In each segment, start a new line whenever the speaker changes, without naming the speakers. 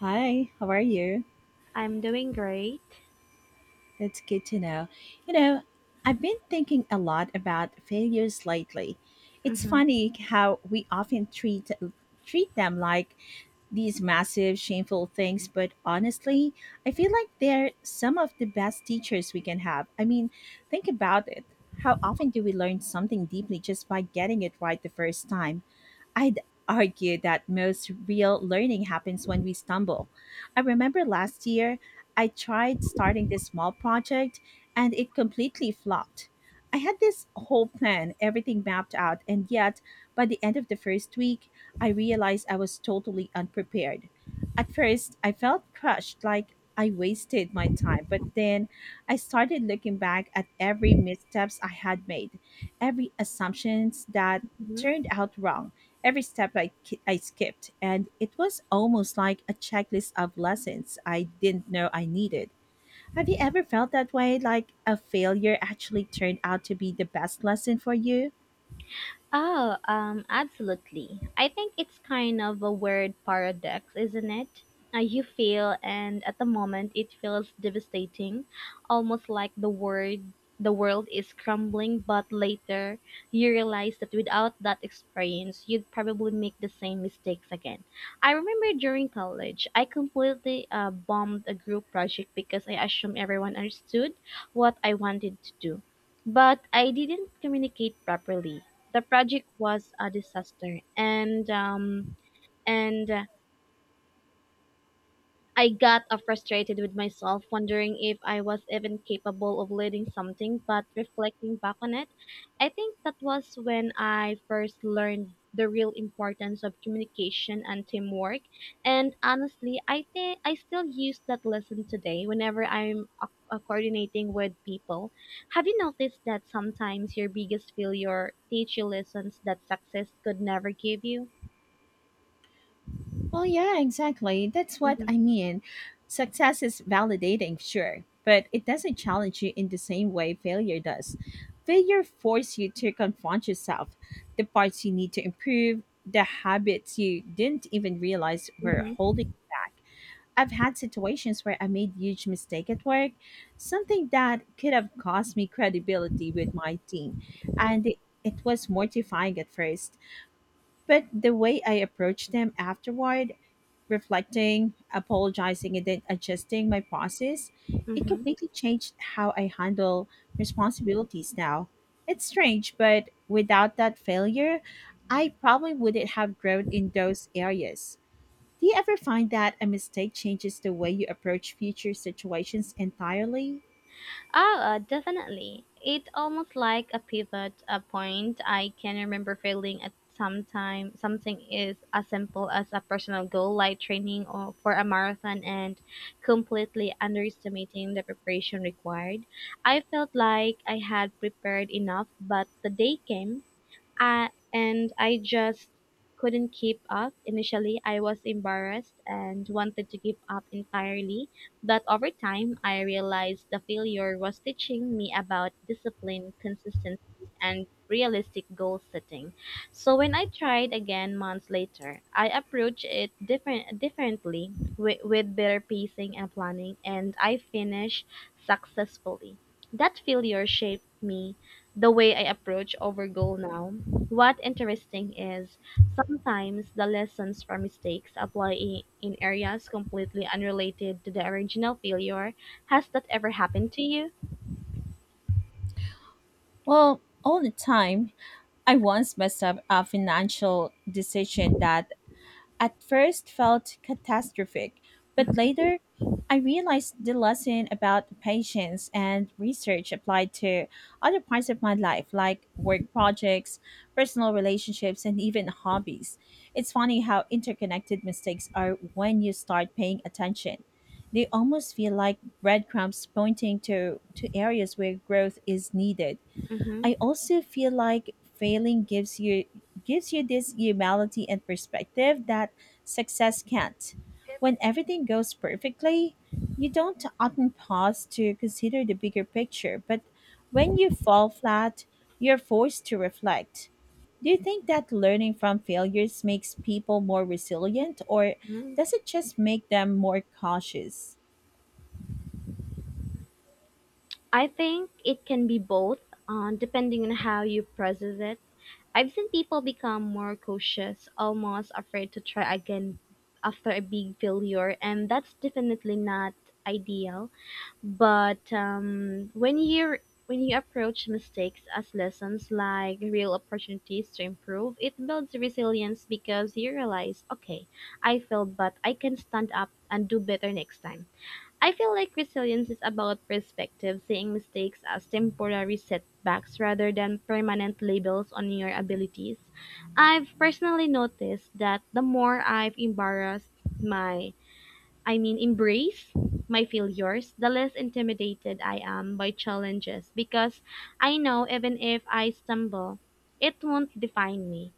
Hi, how are you?
I'm doing great.
That's good to know. You know, I've been thinking a lot about failures lately. It's
Mm-hmm.
funny how we often treat them like these massive shameful things, but honestly, I feel like they're some of the best teachers we can have. I mean, think about it. How often do we learn something deeply just by getting it right the first time? I'd argue that most real learning happens when we stumble. I remember last year I tried starting this small project and it completely flopped. I had this whole plan, everything mapped out, and yet by the end of the first week, I realized I was totally unprepared. At first, I felt crushed, like I wasted my time, but then I started looking back at every missteps I had made, every assumptions that turned out wrong every step I skipped, and it was almost like a checklist of lessons I didn't know I needed. Have you ever felt that way, like a failure actually turned out to be the best lesson for you?
Oh, absolutely. I think it's kind of a weird paradox, isn't it? You feel, and at the moment, it feels devastating, almost like the world is crumbling. But later, you realize that without that experience, you'd probably make the same mistakes again. I remember during college, I completely bombed a group project because I assumed everyone understood what I wanted to do, but I didn't communicate properly. The project was a disaster, and I got frustrated with myself, wondering if I was even capable of leading something. But reflecting back on it, I think that was when I first learned the real importance of communication and teamwork. And honestly, I think I still use that lesson today whenever I'm coordinating with people. Have you noticed that sometimes your biggest failure teach you lessons that success could never give you?
Well, yeah, exactly. That's what
Mm-hmm,
I mean. Success is validating, sure, but it doesn't challenge you in the same way failure does. Failure forces you to confront yourself, the parts you need to improve, the habits you didn't even realize were
mm-hmm,
holding you back. I've had situations where I made huge mistake at work, something that could have cost me credibility with my team. And it was mortifying at first, but the way I approached them afterward, reflecting, apologizing and then adjusting my process, it
mm-hmm.
completely changed how I handle responsibilities now. It's strange, but without that failure, I probably wouldn't have grown in those areas. Do you ever find that a mistake changes the way you approach future situations entirely?
Oh, definitely. It almost like a pivot a point. I can remember feeling at some time something is as simple as a personal goal like training or for a marathon and completely underestimating the preparation required. I felt like I had prepared enough, but the day came and I just couldn't keep up. Initially, I was embarrassed and wanted to give up entirely, but over time, I realized the failure was teaching me about discipline, consistency, and realistic goal setting. So when I tried again months later, I approached it differently with better pacing and planning, and I finished successfully. That failure shaped me the way I approach over goal now. What interesting is sometimes the lessons from mistakes apply in areas completely unrelated to the original failure. Has that ever happened to you?
Well, all the time. I once messed up a financial decision that at first felt catastrophic, but later I realized the lesson about patience and research applied to other parts of my life, like work projects, personal relationships, and even hobbies. It's funny how interconnected mistakes are when you start paying attention. They almost feel like breadcrumbs pointing to areas where growth is needed.
Hmm.
I also feel like failing gives you this humility and perspective that success can't. When everything goes perfectly, you don't often pause to consider the bigger picture, but when you fall flat, you're forced to reflect. Do you think that learning from failures makes people more resilient or
Hmm.
does it just make them more cautious?
I think it can be both, depending on how you process it. I've seen people become more cautious, almost afraid to try again after a big failure, and that's definitely not ideal. But when you approach mistakes as lessons, like real opportunities to improve, it builds resilience because you realize, okay, I failed, but I can stand up and do better next time. I feel like resilience is about perspective, seeing mistakes as temporary setbacks rather than permanent labels on your abilities. I've personally noticed that the more I've embarrassed my, I mean, embrace my failures, the less intimidated I am by challenges because I know even if I stumble, it won't define me.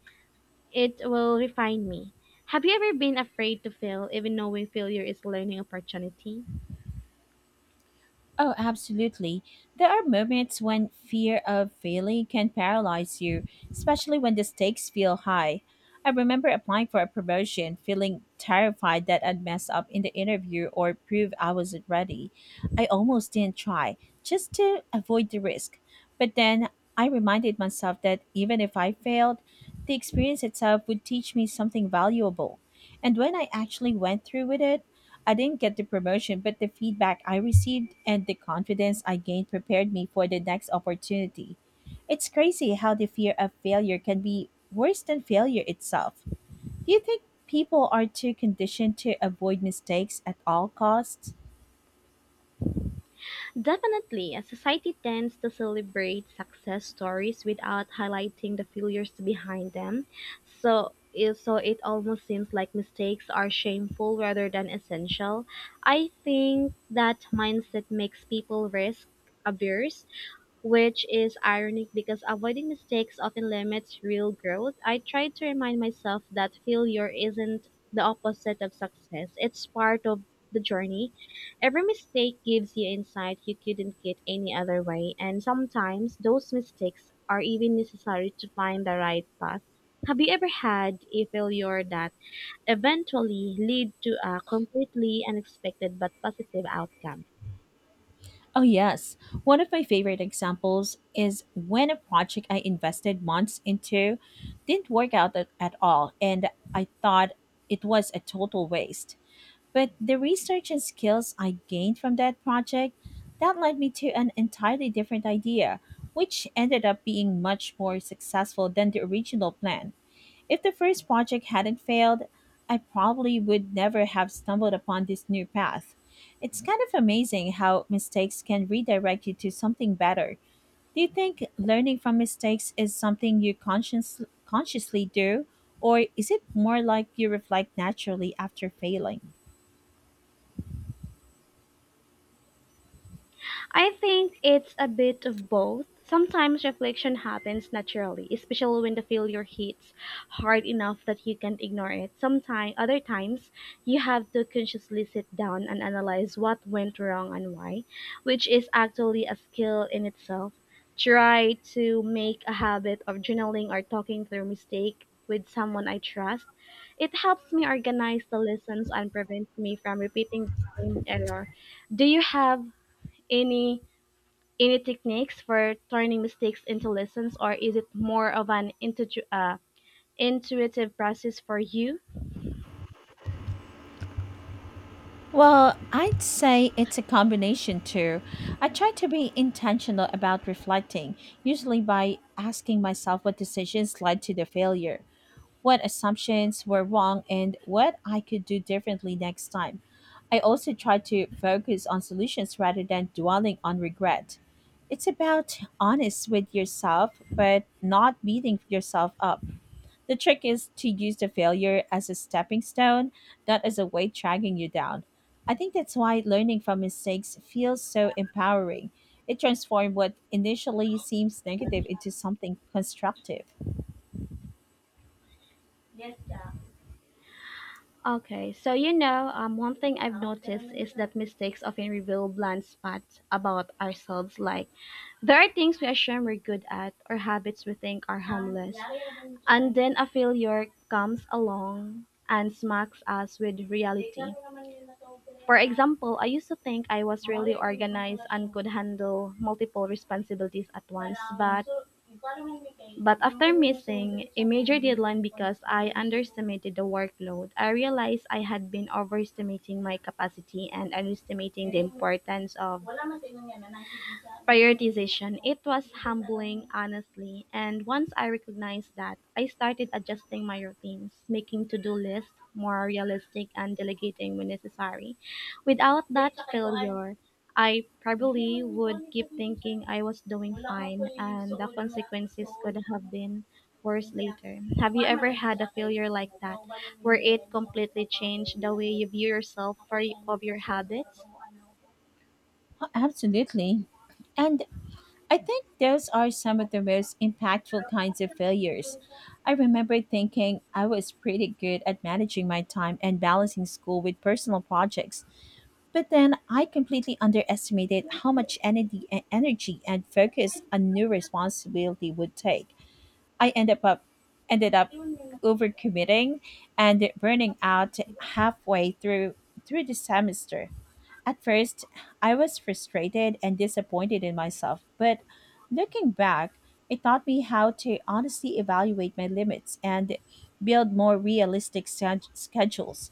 It will refine me. Have you ever been afraid to fail, even knowing failure is learning opportunity?
Oh, absolutely. There are moments when fear of failing can paralyze you, especially when the stakes feel high. I remember applying for a promotion, feeling terrified that I'd mess up in the interview or prove I wasn't ready. I almost didn't try, just to avoid the risk. But then I reminded myself that even if I failed, the experience itself would teach me something valuable. And when I actually went through with it, I didn't get the promotion, but the feedback I received and the confidence I gained prepared me for the next opportunity. It's crazy how the fear of failure can be worse than failure itself. Do you think people are too conditioned to avoid mistakes at all costs?
Definitely, a society tends to celebrate success stories without highlighting the failures behind them. So it almost seems like mistakes are shameful rather than essential. I think that mindset makes people risk averse, which is ironic because avoiding mistakes often limits real growth. I try to remind myself that failure isn't the opposite of success, it's part of the journey. Every mistake gives you insight you couldn't get any other way, and sometimes those mistakes are even necessary to find the right path. Have you ever had a failure that eventually lead to a completely unexpected but positive outcome?
Oh, yes. One of my favorite examples is when a project I invested months into didn't work out at all, and I thought it was a total waste. But the research and skills I gained from that project, that led me to an entirely different idea, which ended up being much more successful than the original plan. If the first project hadn't failed, I probably would never have stumbled upon this new path. It's kind of amazing how mistakes can redirect you to something better. Do you think learning from mistakes is something you consciously do, or is it more like you reflect naturally after failing?
I think it's a bit of both. Sometimes reflection happens naturally, especially when the failure hits hard enough that you can't ignore it. Sometimes, other times, you have to consciously sit down and analyze what went wrong and why, which is actually a skill in itself. Try to make a habit of journaling or talking through mistake with someone I trust. It helps me organize the lessons and prevents me from repeating the same error. Do you have any any techniques for turning mistakes into lessons, or is it more of an intuitive process for you?
Well, I'd say it's a combination too. I try to be intentional about reflecting, usually by asking myself what decisions led to the failure, what assumptions were wrong, and what I could do differently next time. I also try to focus on solutions rather than dwelling on regret. It's about honest with yourself, but not beating yourself up. The trick is to use the failure as a stepping stone, not as a weight dragging you down. I think that's why learning from mistakes feels so empowering. It transforms what initially seems negative into something constructive.
Okay, so you know, one thing I've noticed is that mistakes often reveal blind spots about ourselves, like there are things we assume we're good at or habits we think are harmless, and then a failure comes along and smacks us with reality. For example, I used to think I was really organized and could handle multiple responsibilities at once, but after missing a major deadline because I underestimated the workload, I realized I had been overestimating my capacity and underestimating the importance of prioritization. It was humbling, honestly, and once I recognized that, I started adjusting my routines, making to do lists more realistic and delegating when necessary. Without that failure, I probably would keep thinking I was doing fine and the consequences could have been worse later. Have you ever had a failure like that, where it completely changed the way you view yourself or of your habits?
Oh, absolutely. And I think those are some of the most impactful kinds of failures. I remember thinking I was pretty good at managing my time and balancing school with personal projects. But then I completely underestimated how much energy and focus a new responsibility would take. I ended up overcommitting and burning out halfway through the semester. At first, I was frustrated and disappointed in myself, but looking back, it taught me how to honestly evaluate my limits and build more realistic schedules.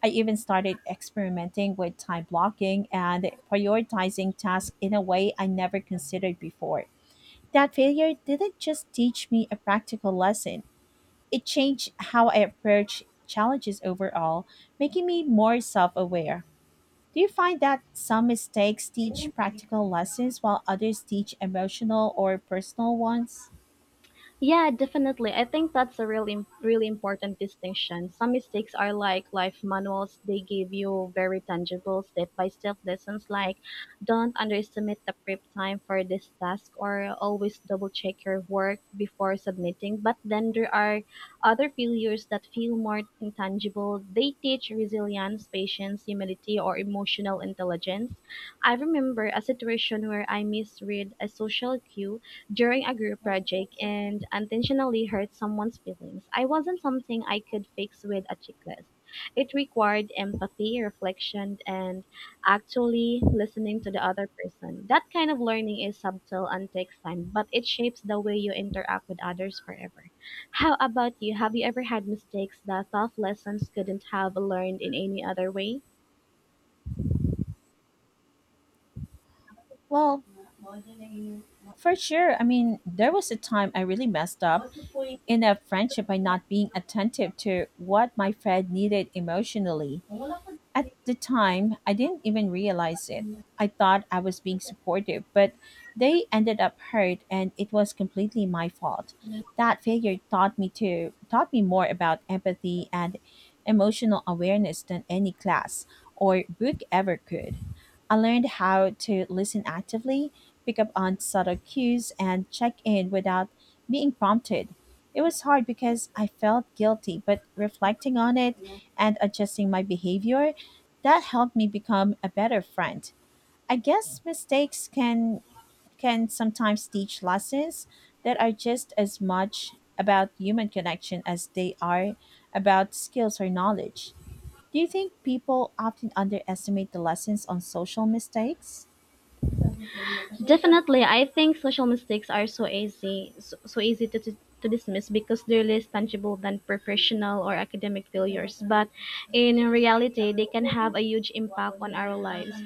I even started experimenting with time blocking and prioritizing tasks in a way I never considered before. That failure didn't just teach me a practical lesson, it changed how I approach challenges overall, making me more self aware. Do you find that some mistakes teach practical lessons while others teach emotional or personal ones?
Yeah, definitely. I think that's a really, really important distinction. Some mistakes are like life manuals. They give you very tangible step-by-step lessons like don't underestimate the prep time for this task or always double-check your work before submitting. But then there are other failures that feel more intangible. They teach resilience, patience, humility, or emotional intelligence. I remember a situation where I misread a social cue during a group project and unintentionally hurt someone's feelings. I wasn't something I could fix with a checklist. It required empathy, reflection, and actually listening to the other person. That kind of learning is subtle and takes time, but it shapes the way you interact with others forever. How about you? Have you ever had mistakes that tough lessons couldn't have learned in any other way?
Well, for sure. I mean, there was a time I really messed up in a friendship by not being attentive to what my friend needed emotionally. At the time, I didn't even realize it. I thought I was being supportive, but they ended up hurt and it was completely my fault. That failure taught me more about empathy and emotional awareness than any class or book ever could. I learned how to listen actively, pick up on subtle cues and check in without being prompted. It was hard because I felt guilty, but reflecting on it and adjusting my behavior that helped me become a better friend. I guess mistakes can sometimes teach lessons that are just as much about human connection as they are about skills or knowledge. Do you think people often underestimate the lessons on social mistakes?
Definitely, I think social mistakes are so easy, so easy to dismiss because they're less tangible than professional or academic failures. But in reality, they can have a huge impact on our lives.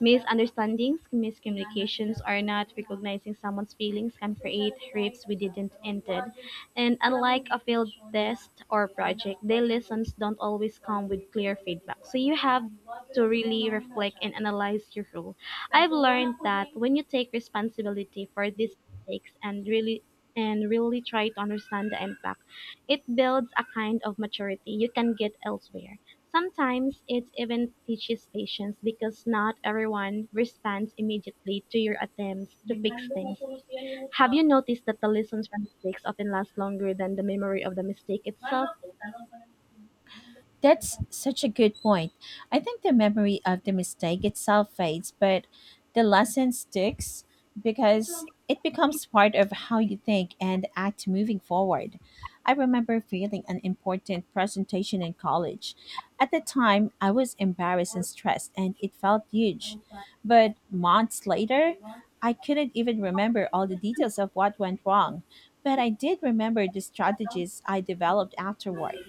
Misunderstandings, miscommunications, or not recognizing someone's feelings can create rifts we didn't intend. And unlike a failed test or project, their lessons don't always come with clear feedback. So you have to really reflect and analyze your role. I've learned that when you take responsibility for these mistakes and really try to understand the impact, it builds a kind of maturity you can get elsewhere. Sometimes it even teaches patience because not everyone responds immediately to your attempts to fix things. Have you noticed that the lessons from mistakes often last longer than the memory of the mistake itself?
That's such a good point. I think the memory of the mistake itself fades, but the lesson sticks because it becomes part of how you think and act moving forward. I remember failing an important presentation in college. At the time, I was embarrassed and stressed, and it felt huge. But months later, I couldn't even remember all the details of what went wrong. But I did remember the strategies I developed afterward,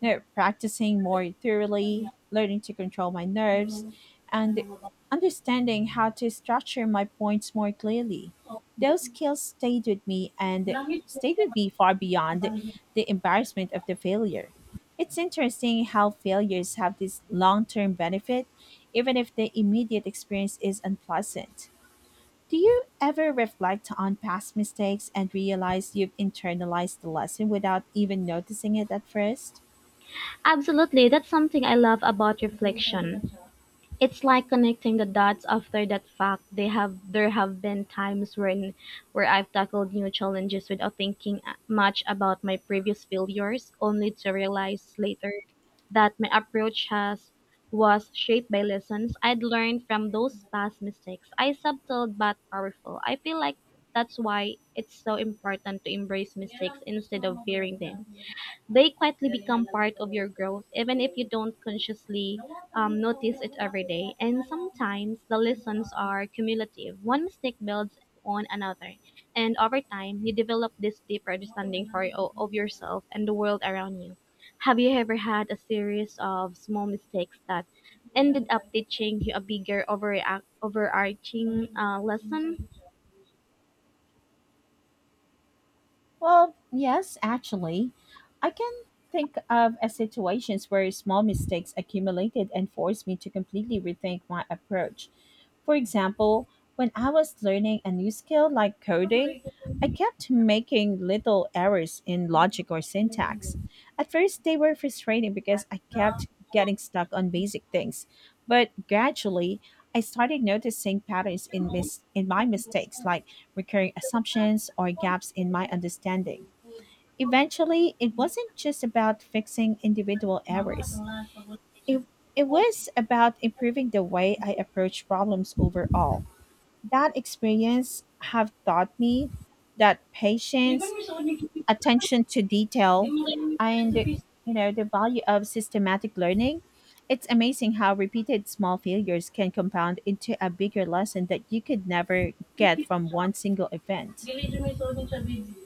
you know, practicing more thoroughly, learning to control my nerves, and understanding how to structure my points more clearly. Those skills stayed with me far beyond the embarrassment of the failure. It's interesting how failures have this long term benefit, even if the immediate experience is unpleasant. Do you ever reflect on past mistakes and realize you've internalized the lesson without even noticing it at first?
Absolutely, that's something I love about reflection. It's like connecting the dots after that fact. They have there have been times when where I've tackled new challenges without thinking much about my previous failures, only to realize later that my approach has was shaped by lessons I'd learned from those past mistakes. I subtle but powerful. I feel like that's why it's so important to embrace mistakes instead of fearing them. They quietly become part of your growth, even if you don't consciously notice it every day. And sometimes the lessons are cumulative. One mistake builds on another. And over time, you develop this deeper understanding of yourself and the world around you. Have you ever had a series of small mistakes that ended up teaching you a bigger, overarching lesson?
Well, yes, actually. I can think of as situations where small mistakes accumulated and forced me to completely rethink my approach. For example, when I was learning a new skill like coding, I kept making little errors in logic or syntax. At first, they were frustrating because I kept getting stuck on basic things, but gradually, I started noticing patterns in my mistakes like recurring assumptions, or gaps in my understanding. Eventually, it wasn't just about fixing individual errors, it, it was about improving the way I approach problems overall. That experience have taught me that patience, attention to detail, and you know the value of systematic learning it's amazing how repeated small failures can compound into a bigger lesson that you could never get from one single event.
You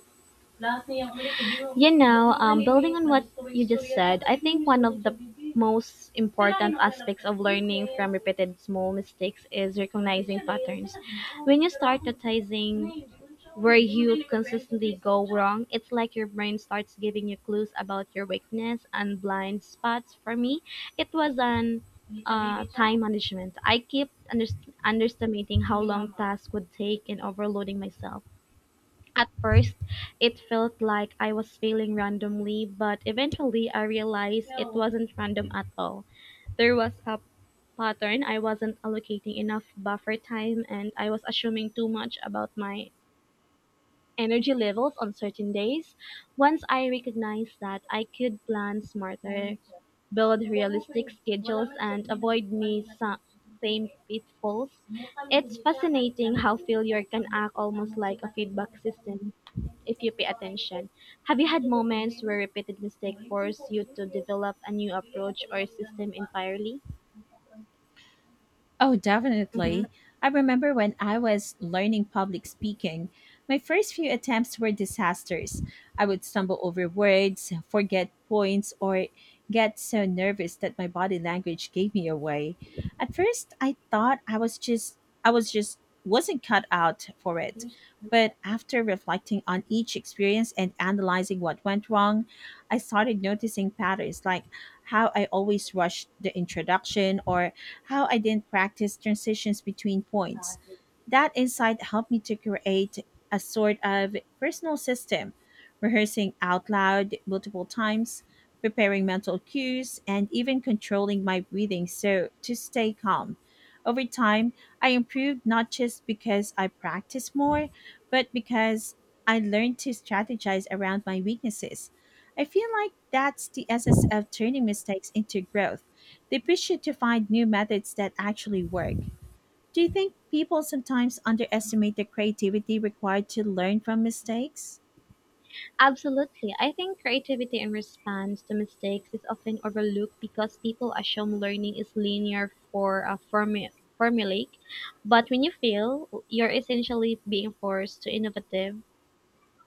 know, building on what you just said, I think one of the most important aspects of learning from repeated small mistakes is recognizing patterns. When you start noticing where you consistently go wrong, it's like your brain starts giving you clues about your weakness and blind spots. For me, it was an time management. I kept underestimating how long tasks would take and overloading myself. At first, it felt like I was failing randomly, but eventually I realized it wasn't random at all. There was a pattern. I wasn't allocating enough buffer time and I was assuming too much about my energy levels on certain days. Once I recognized that, I could plan smarter, build realistic schedules, and avoid same pitfalls. It's fascinating how failure can act almost like a feedback system if you pay attention. Have you had moments where repeated mistakes force you to develop a new approach or system entirely?
Oh,
Mm-hmm.
definitely. I remember when I was learning public speaking, my first few attempts were disasters. I would stumble over words, forget points, or get so nervous that my body language gave me away. At first, I thought I was just wasn't cut out for it. But after reflecting on each experience and analyzing what went wrong, I started noticing patterns like how I always rushed the introduction or how I didn't practice transitions between points. That insight helped me to create a sort of personal system, rehearsing out loud multiple times, preparing mental cues, and even controlling my breathing so to stay calm. Over time, I improved not just because I practiced more, but because I learned to strategize around my weaknesses. I feel like that's the essence of turning mistakes into growth they push you to find new methods that actually work. Do you think people sometimes underestimate the creativity required to learn from mistakes?
Absolutely. I think creativity in response to mistakes is often overlooked because people assume learning is linear for a formulaic. But when you fail, you're essentially being forced to innovative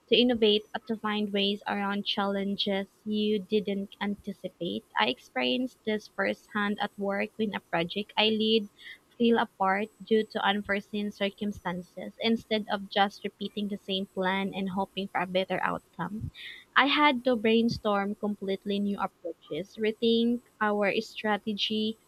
to innovate and to find ways around challenges you didn't anticipate. I experienced this firsthand at work when a project I lead fell apart due to unforeseen circumstances. Instead of just repeating the same plan and hoping for a better outcome, I had to brainstorm completely new approaches, rethink our strategy,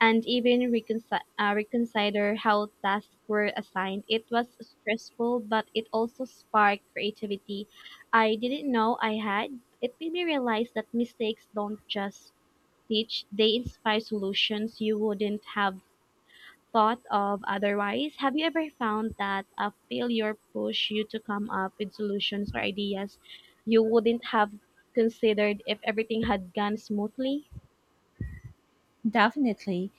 and even reconsider how tasks were assigned. It was stressful, but it also sparked creativity I didn't know I had. It made me realize that mistakes don't just teach, they inspire solutions you wouldn't have thought of otherwise. Have you ever found that a failure pushed you to come up with solutions or ideas you wouldn't have considered if everything had gone smoothly?
Definitely.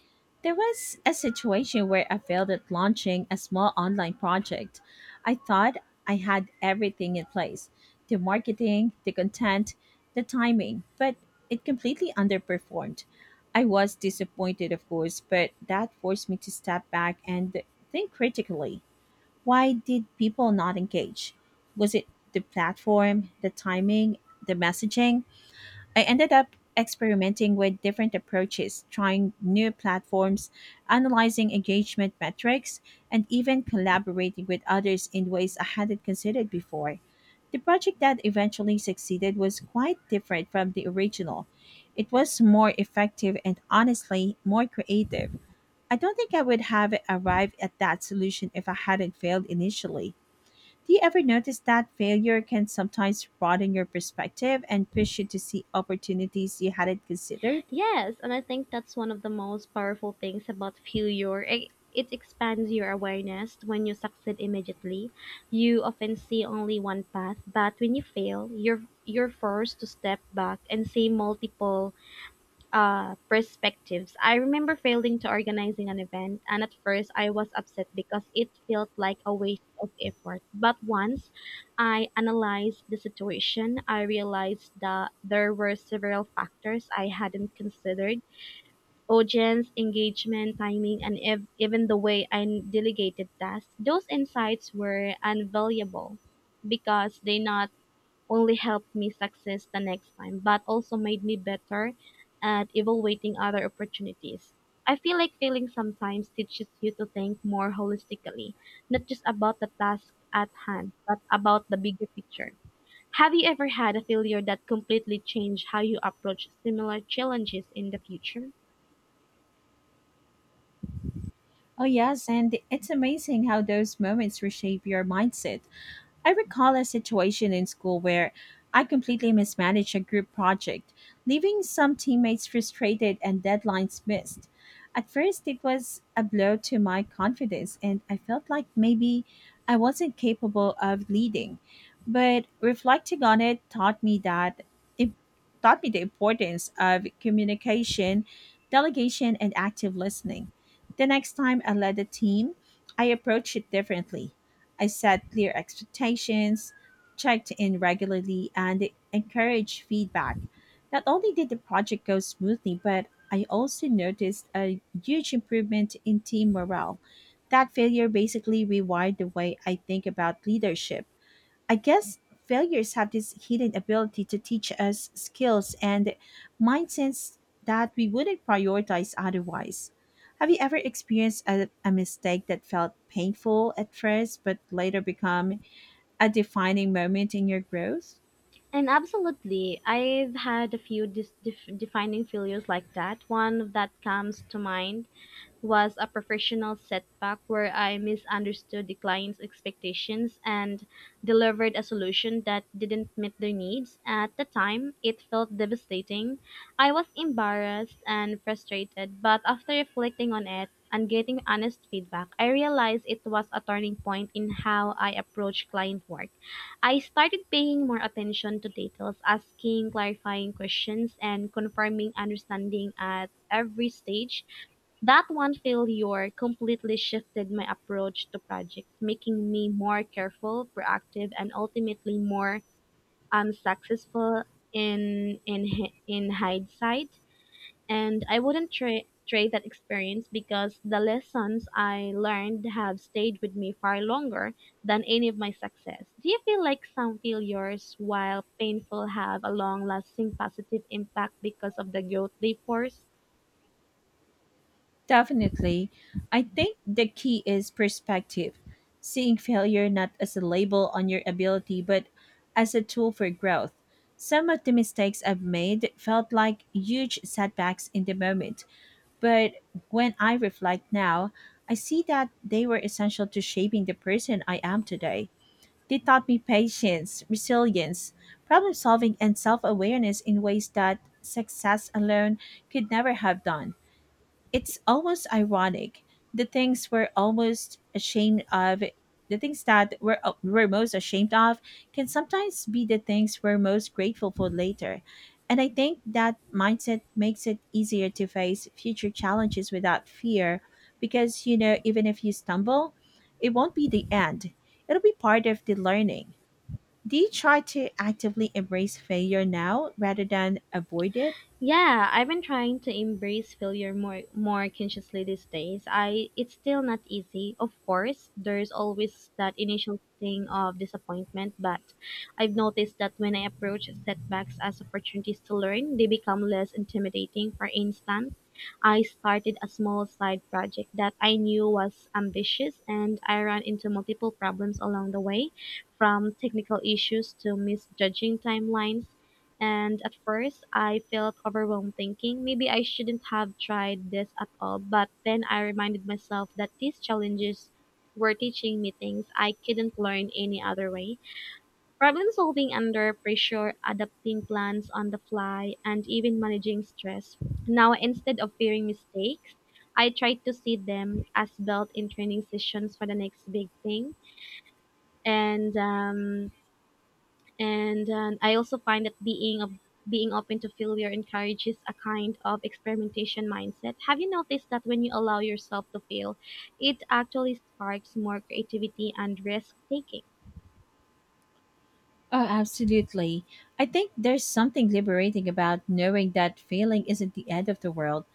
There was a situation where I failed at launching a small online project. I thought I had everything in place the marketing, the content, the timing, but it completely underperformed. I was disappointed, of course, but that forced me to step back and think critically. Why did people not engage? Was it the platform, the timing, the messaging? I ended up experimenting with different approaches, trying new platforms, analyzing engagement metrics, and even collaborating with others in ways I hadn't considered before. The project that eventually succeeded was quite different from the original. It was more effective and honestly more creative. I don't think I would have arrived at that solution if I hadn't failed initially. Do you ever notice that failure can sometimes broaden your perspective and push you to see opportunities you hadn't considered?
Yes, and I think that's one of the most powerful things about failure. It expands your awareness. When you succeed immediately, you often see only one path, but when you fail, you're forced to step back and see multiple perspectives. I remember failing to organizing an event, and at first I was upset because it felt like a waste of effort. But once I analyzed the situation, I realized that there were several factors I hadn't considered audience, engagement, timing, and even the way I delegated tasks. Those insights were invaluable because they not only helped me success the next time, but also made me better at evaluating other opportunities. I feel like failing sometimes teaches you to think more holistically, not just about the task at hand, but about the bigger picture. Have you ever had a failure that completely changed how you approach similar challenges in the future?
Oh, yes, and it's amazing how those moments reshape your mindset. I recall a situation in school where I completely mismanaged a group project, leaving some teammates frustrated and deadlines missed. At first, it was a blow to my confidence, and I felt like maybe I wasn't capable of leading. But reflecting on it taught me the importance of communication, delegation, and active listening. The next time I led a team, I approached it differently. I set clear expectations, checked in regularly, and encouraged feedback. Not only did the project go smoothly, but I also noticed a huge improvement in team morale. That failure basically rewired the way I think about leadership. I guess failures have this hidden ability to teach us skills and mindsets that we wouldn't prioritize otherwise. Have you ever experienced a mistake that felt painful at first but later become a defining moment in your growth?
And absolutely, I've had a few defining failures like that. One that comes to mind was a professional setback where I misunderstood the client's expectations and delivered a solution that didn't meet their needs. At the time, it felt devastating. I was embarrassed and frustrated, but after reflecting on it and getting honest feedback, I realized it was a turning point in how I approach client work. I started paying more attention to details, asking clarifying questions, and confirming understanding at every stage that one failure completely shifted my approach to projects, making me more careful, proactive, and ultimately more successful in hindsight. And I wouldn't trade that experience because the lessons I learned have stayed with me far longer than any of my success. Do you feel like some failures, while painful, have a long-lasting positive impact because of the growth they force?
Definitely. I think the key is perspective, seeing failure not as a label on your ability, but as a tool for growth. Some of the mistakes I've made felt like huge setbacks in the moment, but when I reflect now, I see that they were essential to shaping the person I am today. They taught me patience, resilience, problem solving, and self awareness in ways that success alone could never have done. It's almost ironic, the things we're almost ashamed of the things that we're most ashamed of can sometimes be the things we're most grateful for later. And I think that mindset makes it easier to face future challenges without fear, because even if you stumble, it won't be the end, it'll be part of the learning. Do you try to actively embrace failure now rather than avoid it?
Yeah, I've been trying to embrace failure more consciously these days. I It's still not easy. Of course, there's always that initial thing of disappointment, but I've noticed that when I approach setbacks as opportunities to learn, they become less intimidating. For instance, I started a small side project that I knew was ambitious and I ran into multiple problems along the way, from technical issues to misjudging timelines. And at first, I felt overwhelmed thinking maybe I shouldn't have tried this at all. But then I reminded myself that these challenges were teaching me things I couldn't learn any other way. Problem solving under pressure, adapting plans on the fly, and even managing stress. Now, instead of fearing mistakes, I try to see them as built in training sessions for the next big thing. And um, and I also find that being open to failure encourages a kind of experimentation mindset. Have you noticed that when you allow yourself to fail, it actually sparks more creativity and risk taking?
Oh, absolutely. I think there's something liberating about knowing that failing isn't the end of the world.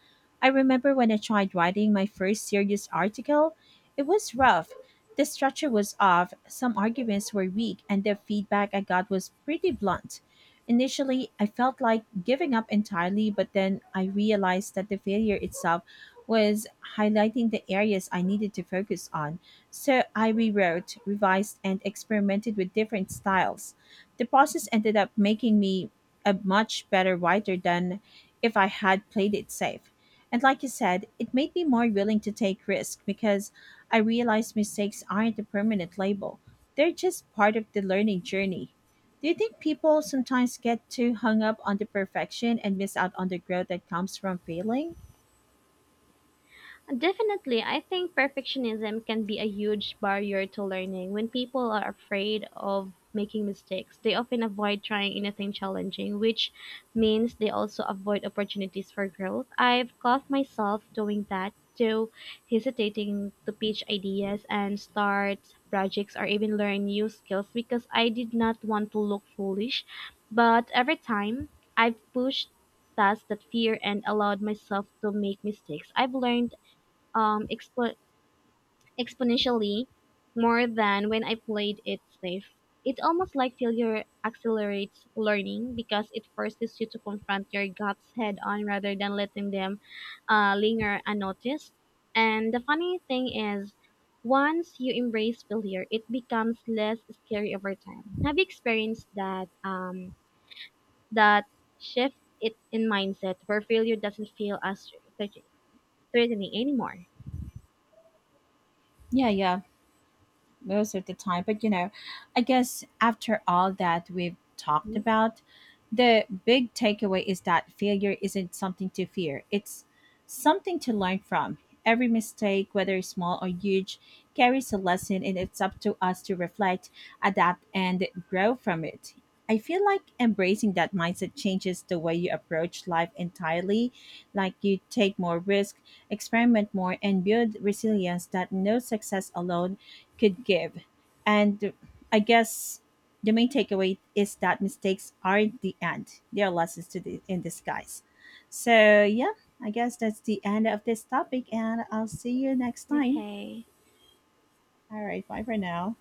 I remember when I tried writing my first serious article, it was rough. The structure was off, some arguments were weak, and the feedback I got was pretty blunt. Initially, I felt like giving up entirely, but then I realized that the failure itself was highlighting the areas I needed to focus on. So I rewrote, revised, and experimented with different styles. The process ended up making me a much better writer than if I had played it safe. And like you said, it made me more willing to take risks because I realized mistakes aren't a permanent label. They're just part of the learning journey. Do you think people sometimes get too hung up on the perfection and miss out on the growth that comes from failing?
Definitely, I think perfectionism can be a huge barrier to learning. When people are afraid of making mistakes, they often avoid trying anything challenging, which means they also avoid opportunities for growth. I've caught myself doing that too, hesitating to pitch ideas and start projects or even learn new skills because I did not want to look foolish. But every time I've pushed past that fear and allowed myself to make mistakes, I've learned um, expo- exponentially more than when I played it safe. It's almost like failure accelerates learning because it forces you to confront your gaps head on rather than letting them linger unnoticed. And the funny thing is, once you embrace failure, it becomes less scary over time. Have you experienced that shift it in mindset where failure doesn't feel as threat- threatening anymore?
Yeah, yeah, most of the time. But I guess after all that we've talked about, the big takeaway is that failure isn't something to fear, it's something to learn from. Every mistake, whether small or huge, carries a lesson, and it's up to us to reflect, adapt, and grow from it. I feel like embracing that mindset changes the way you approach life entirely. Like, you take more risk, experiment more, and build resilience that no success alone could give. And I guess the main takeaway is that mistakes aren't the end; they are lessons in disguise. So yeah, I guess that's the end of this topic, and I'll see you next time.
Okay.
All right, bye for now.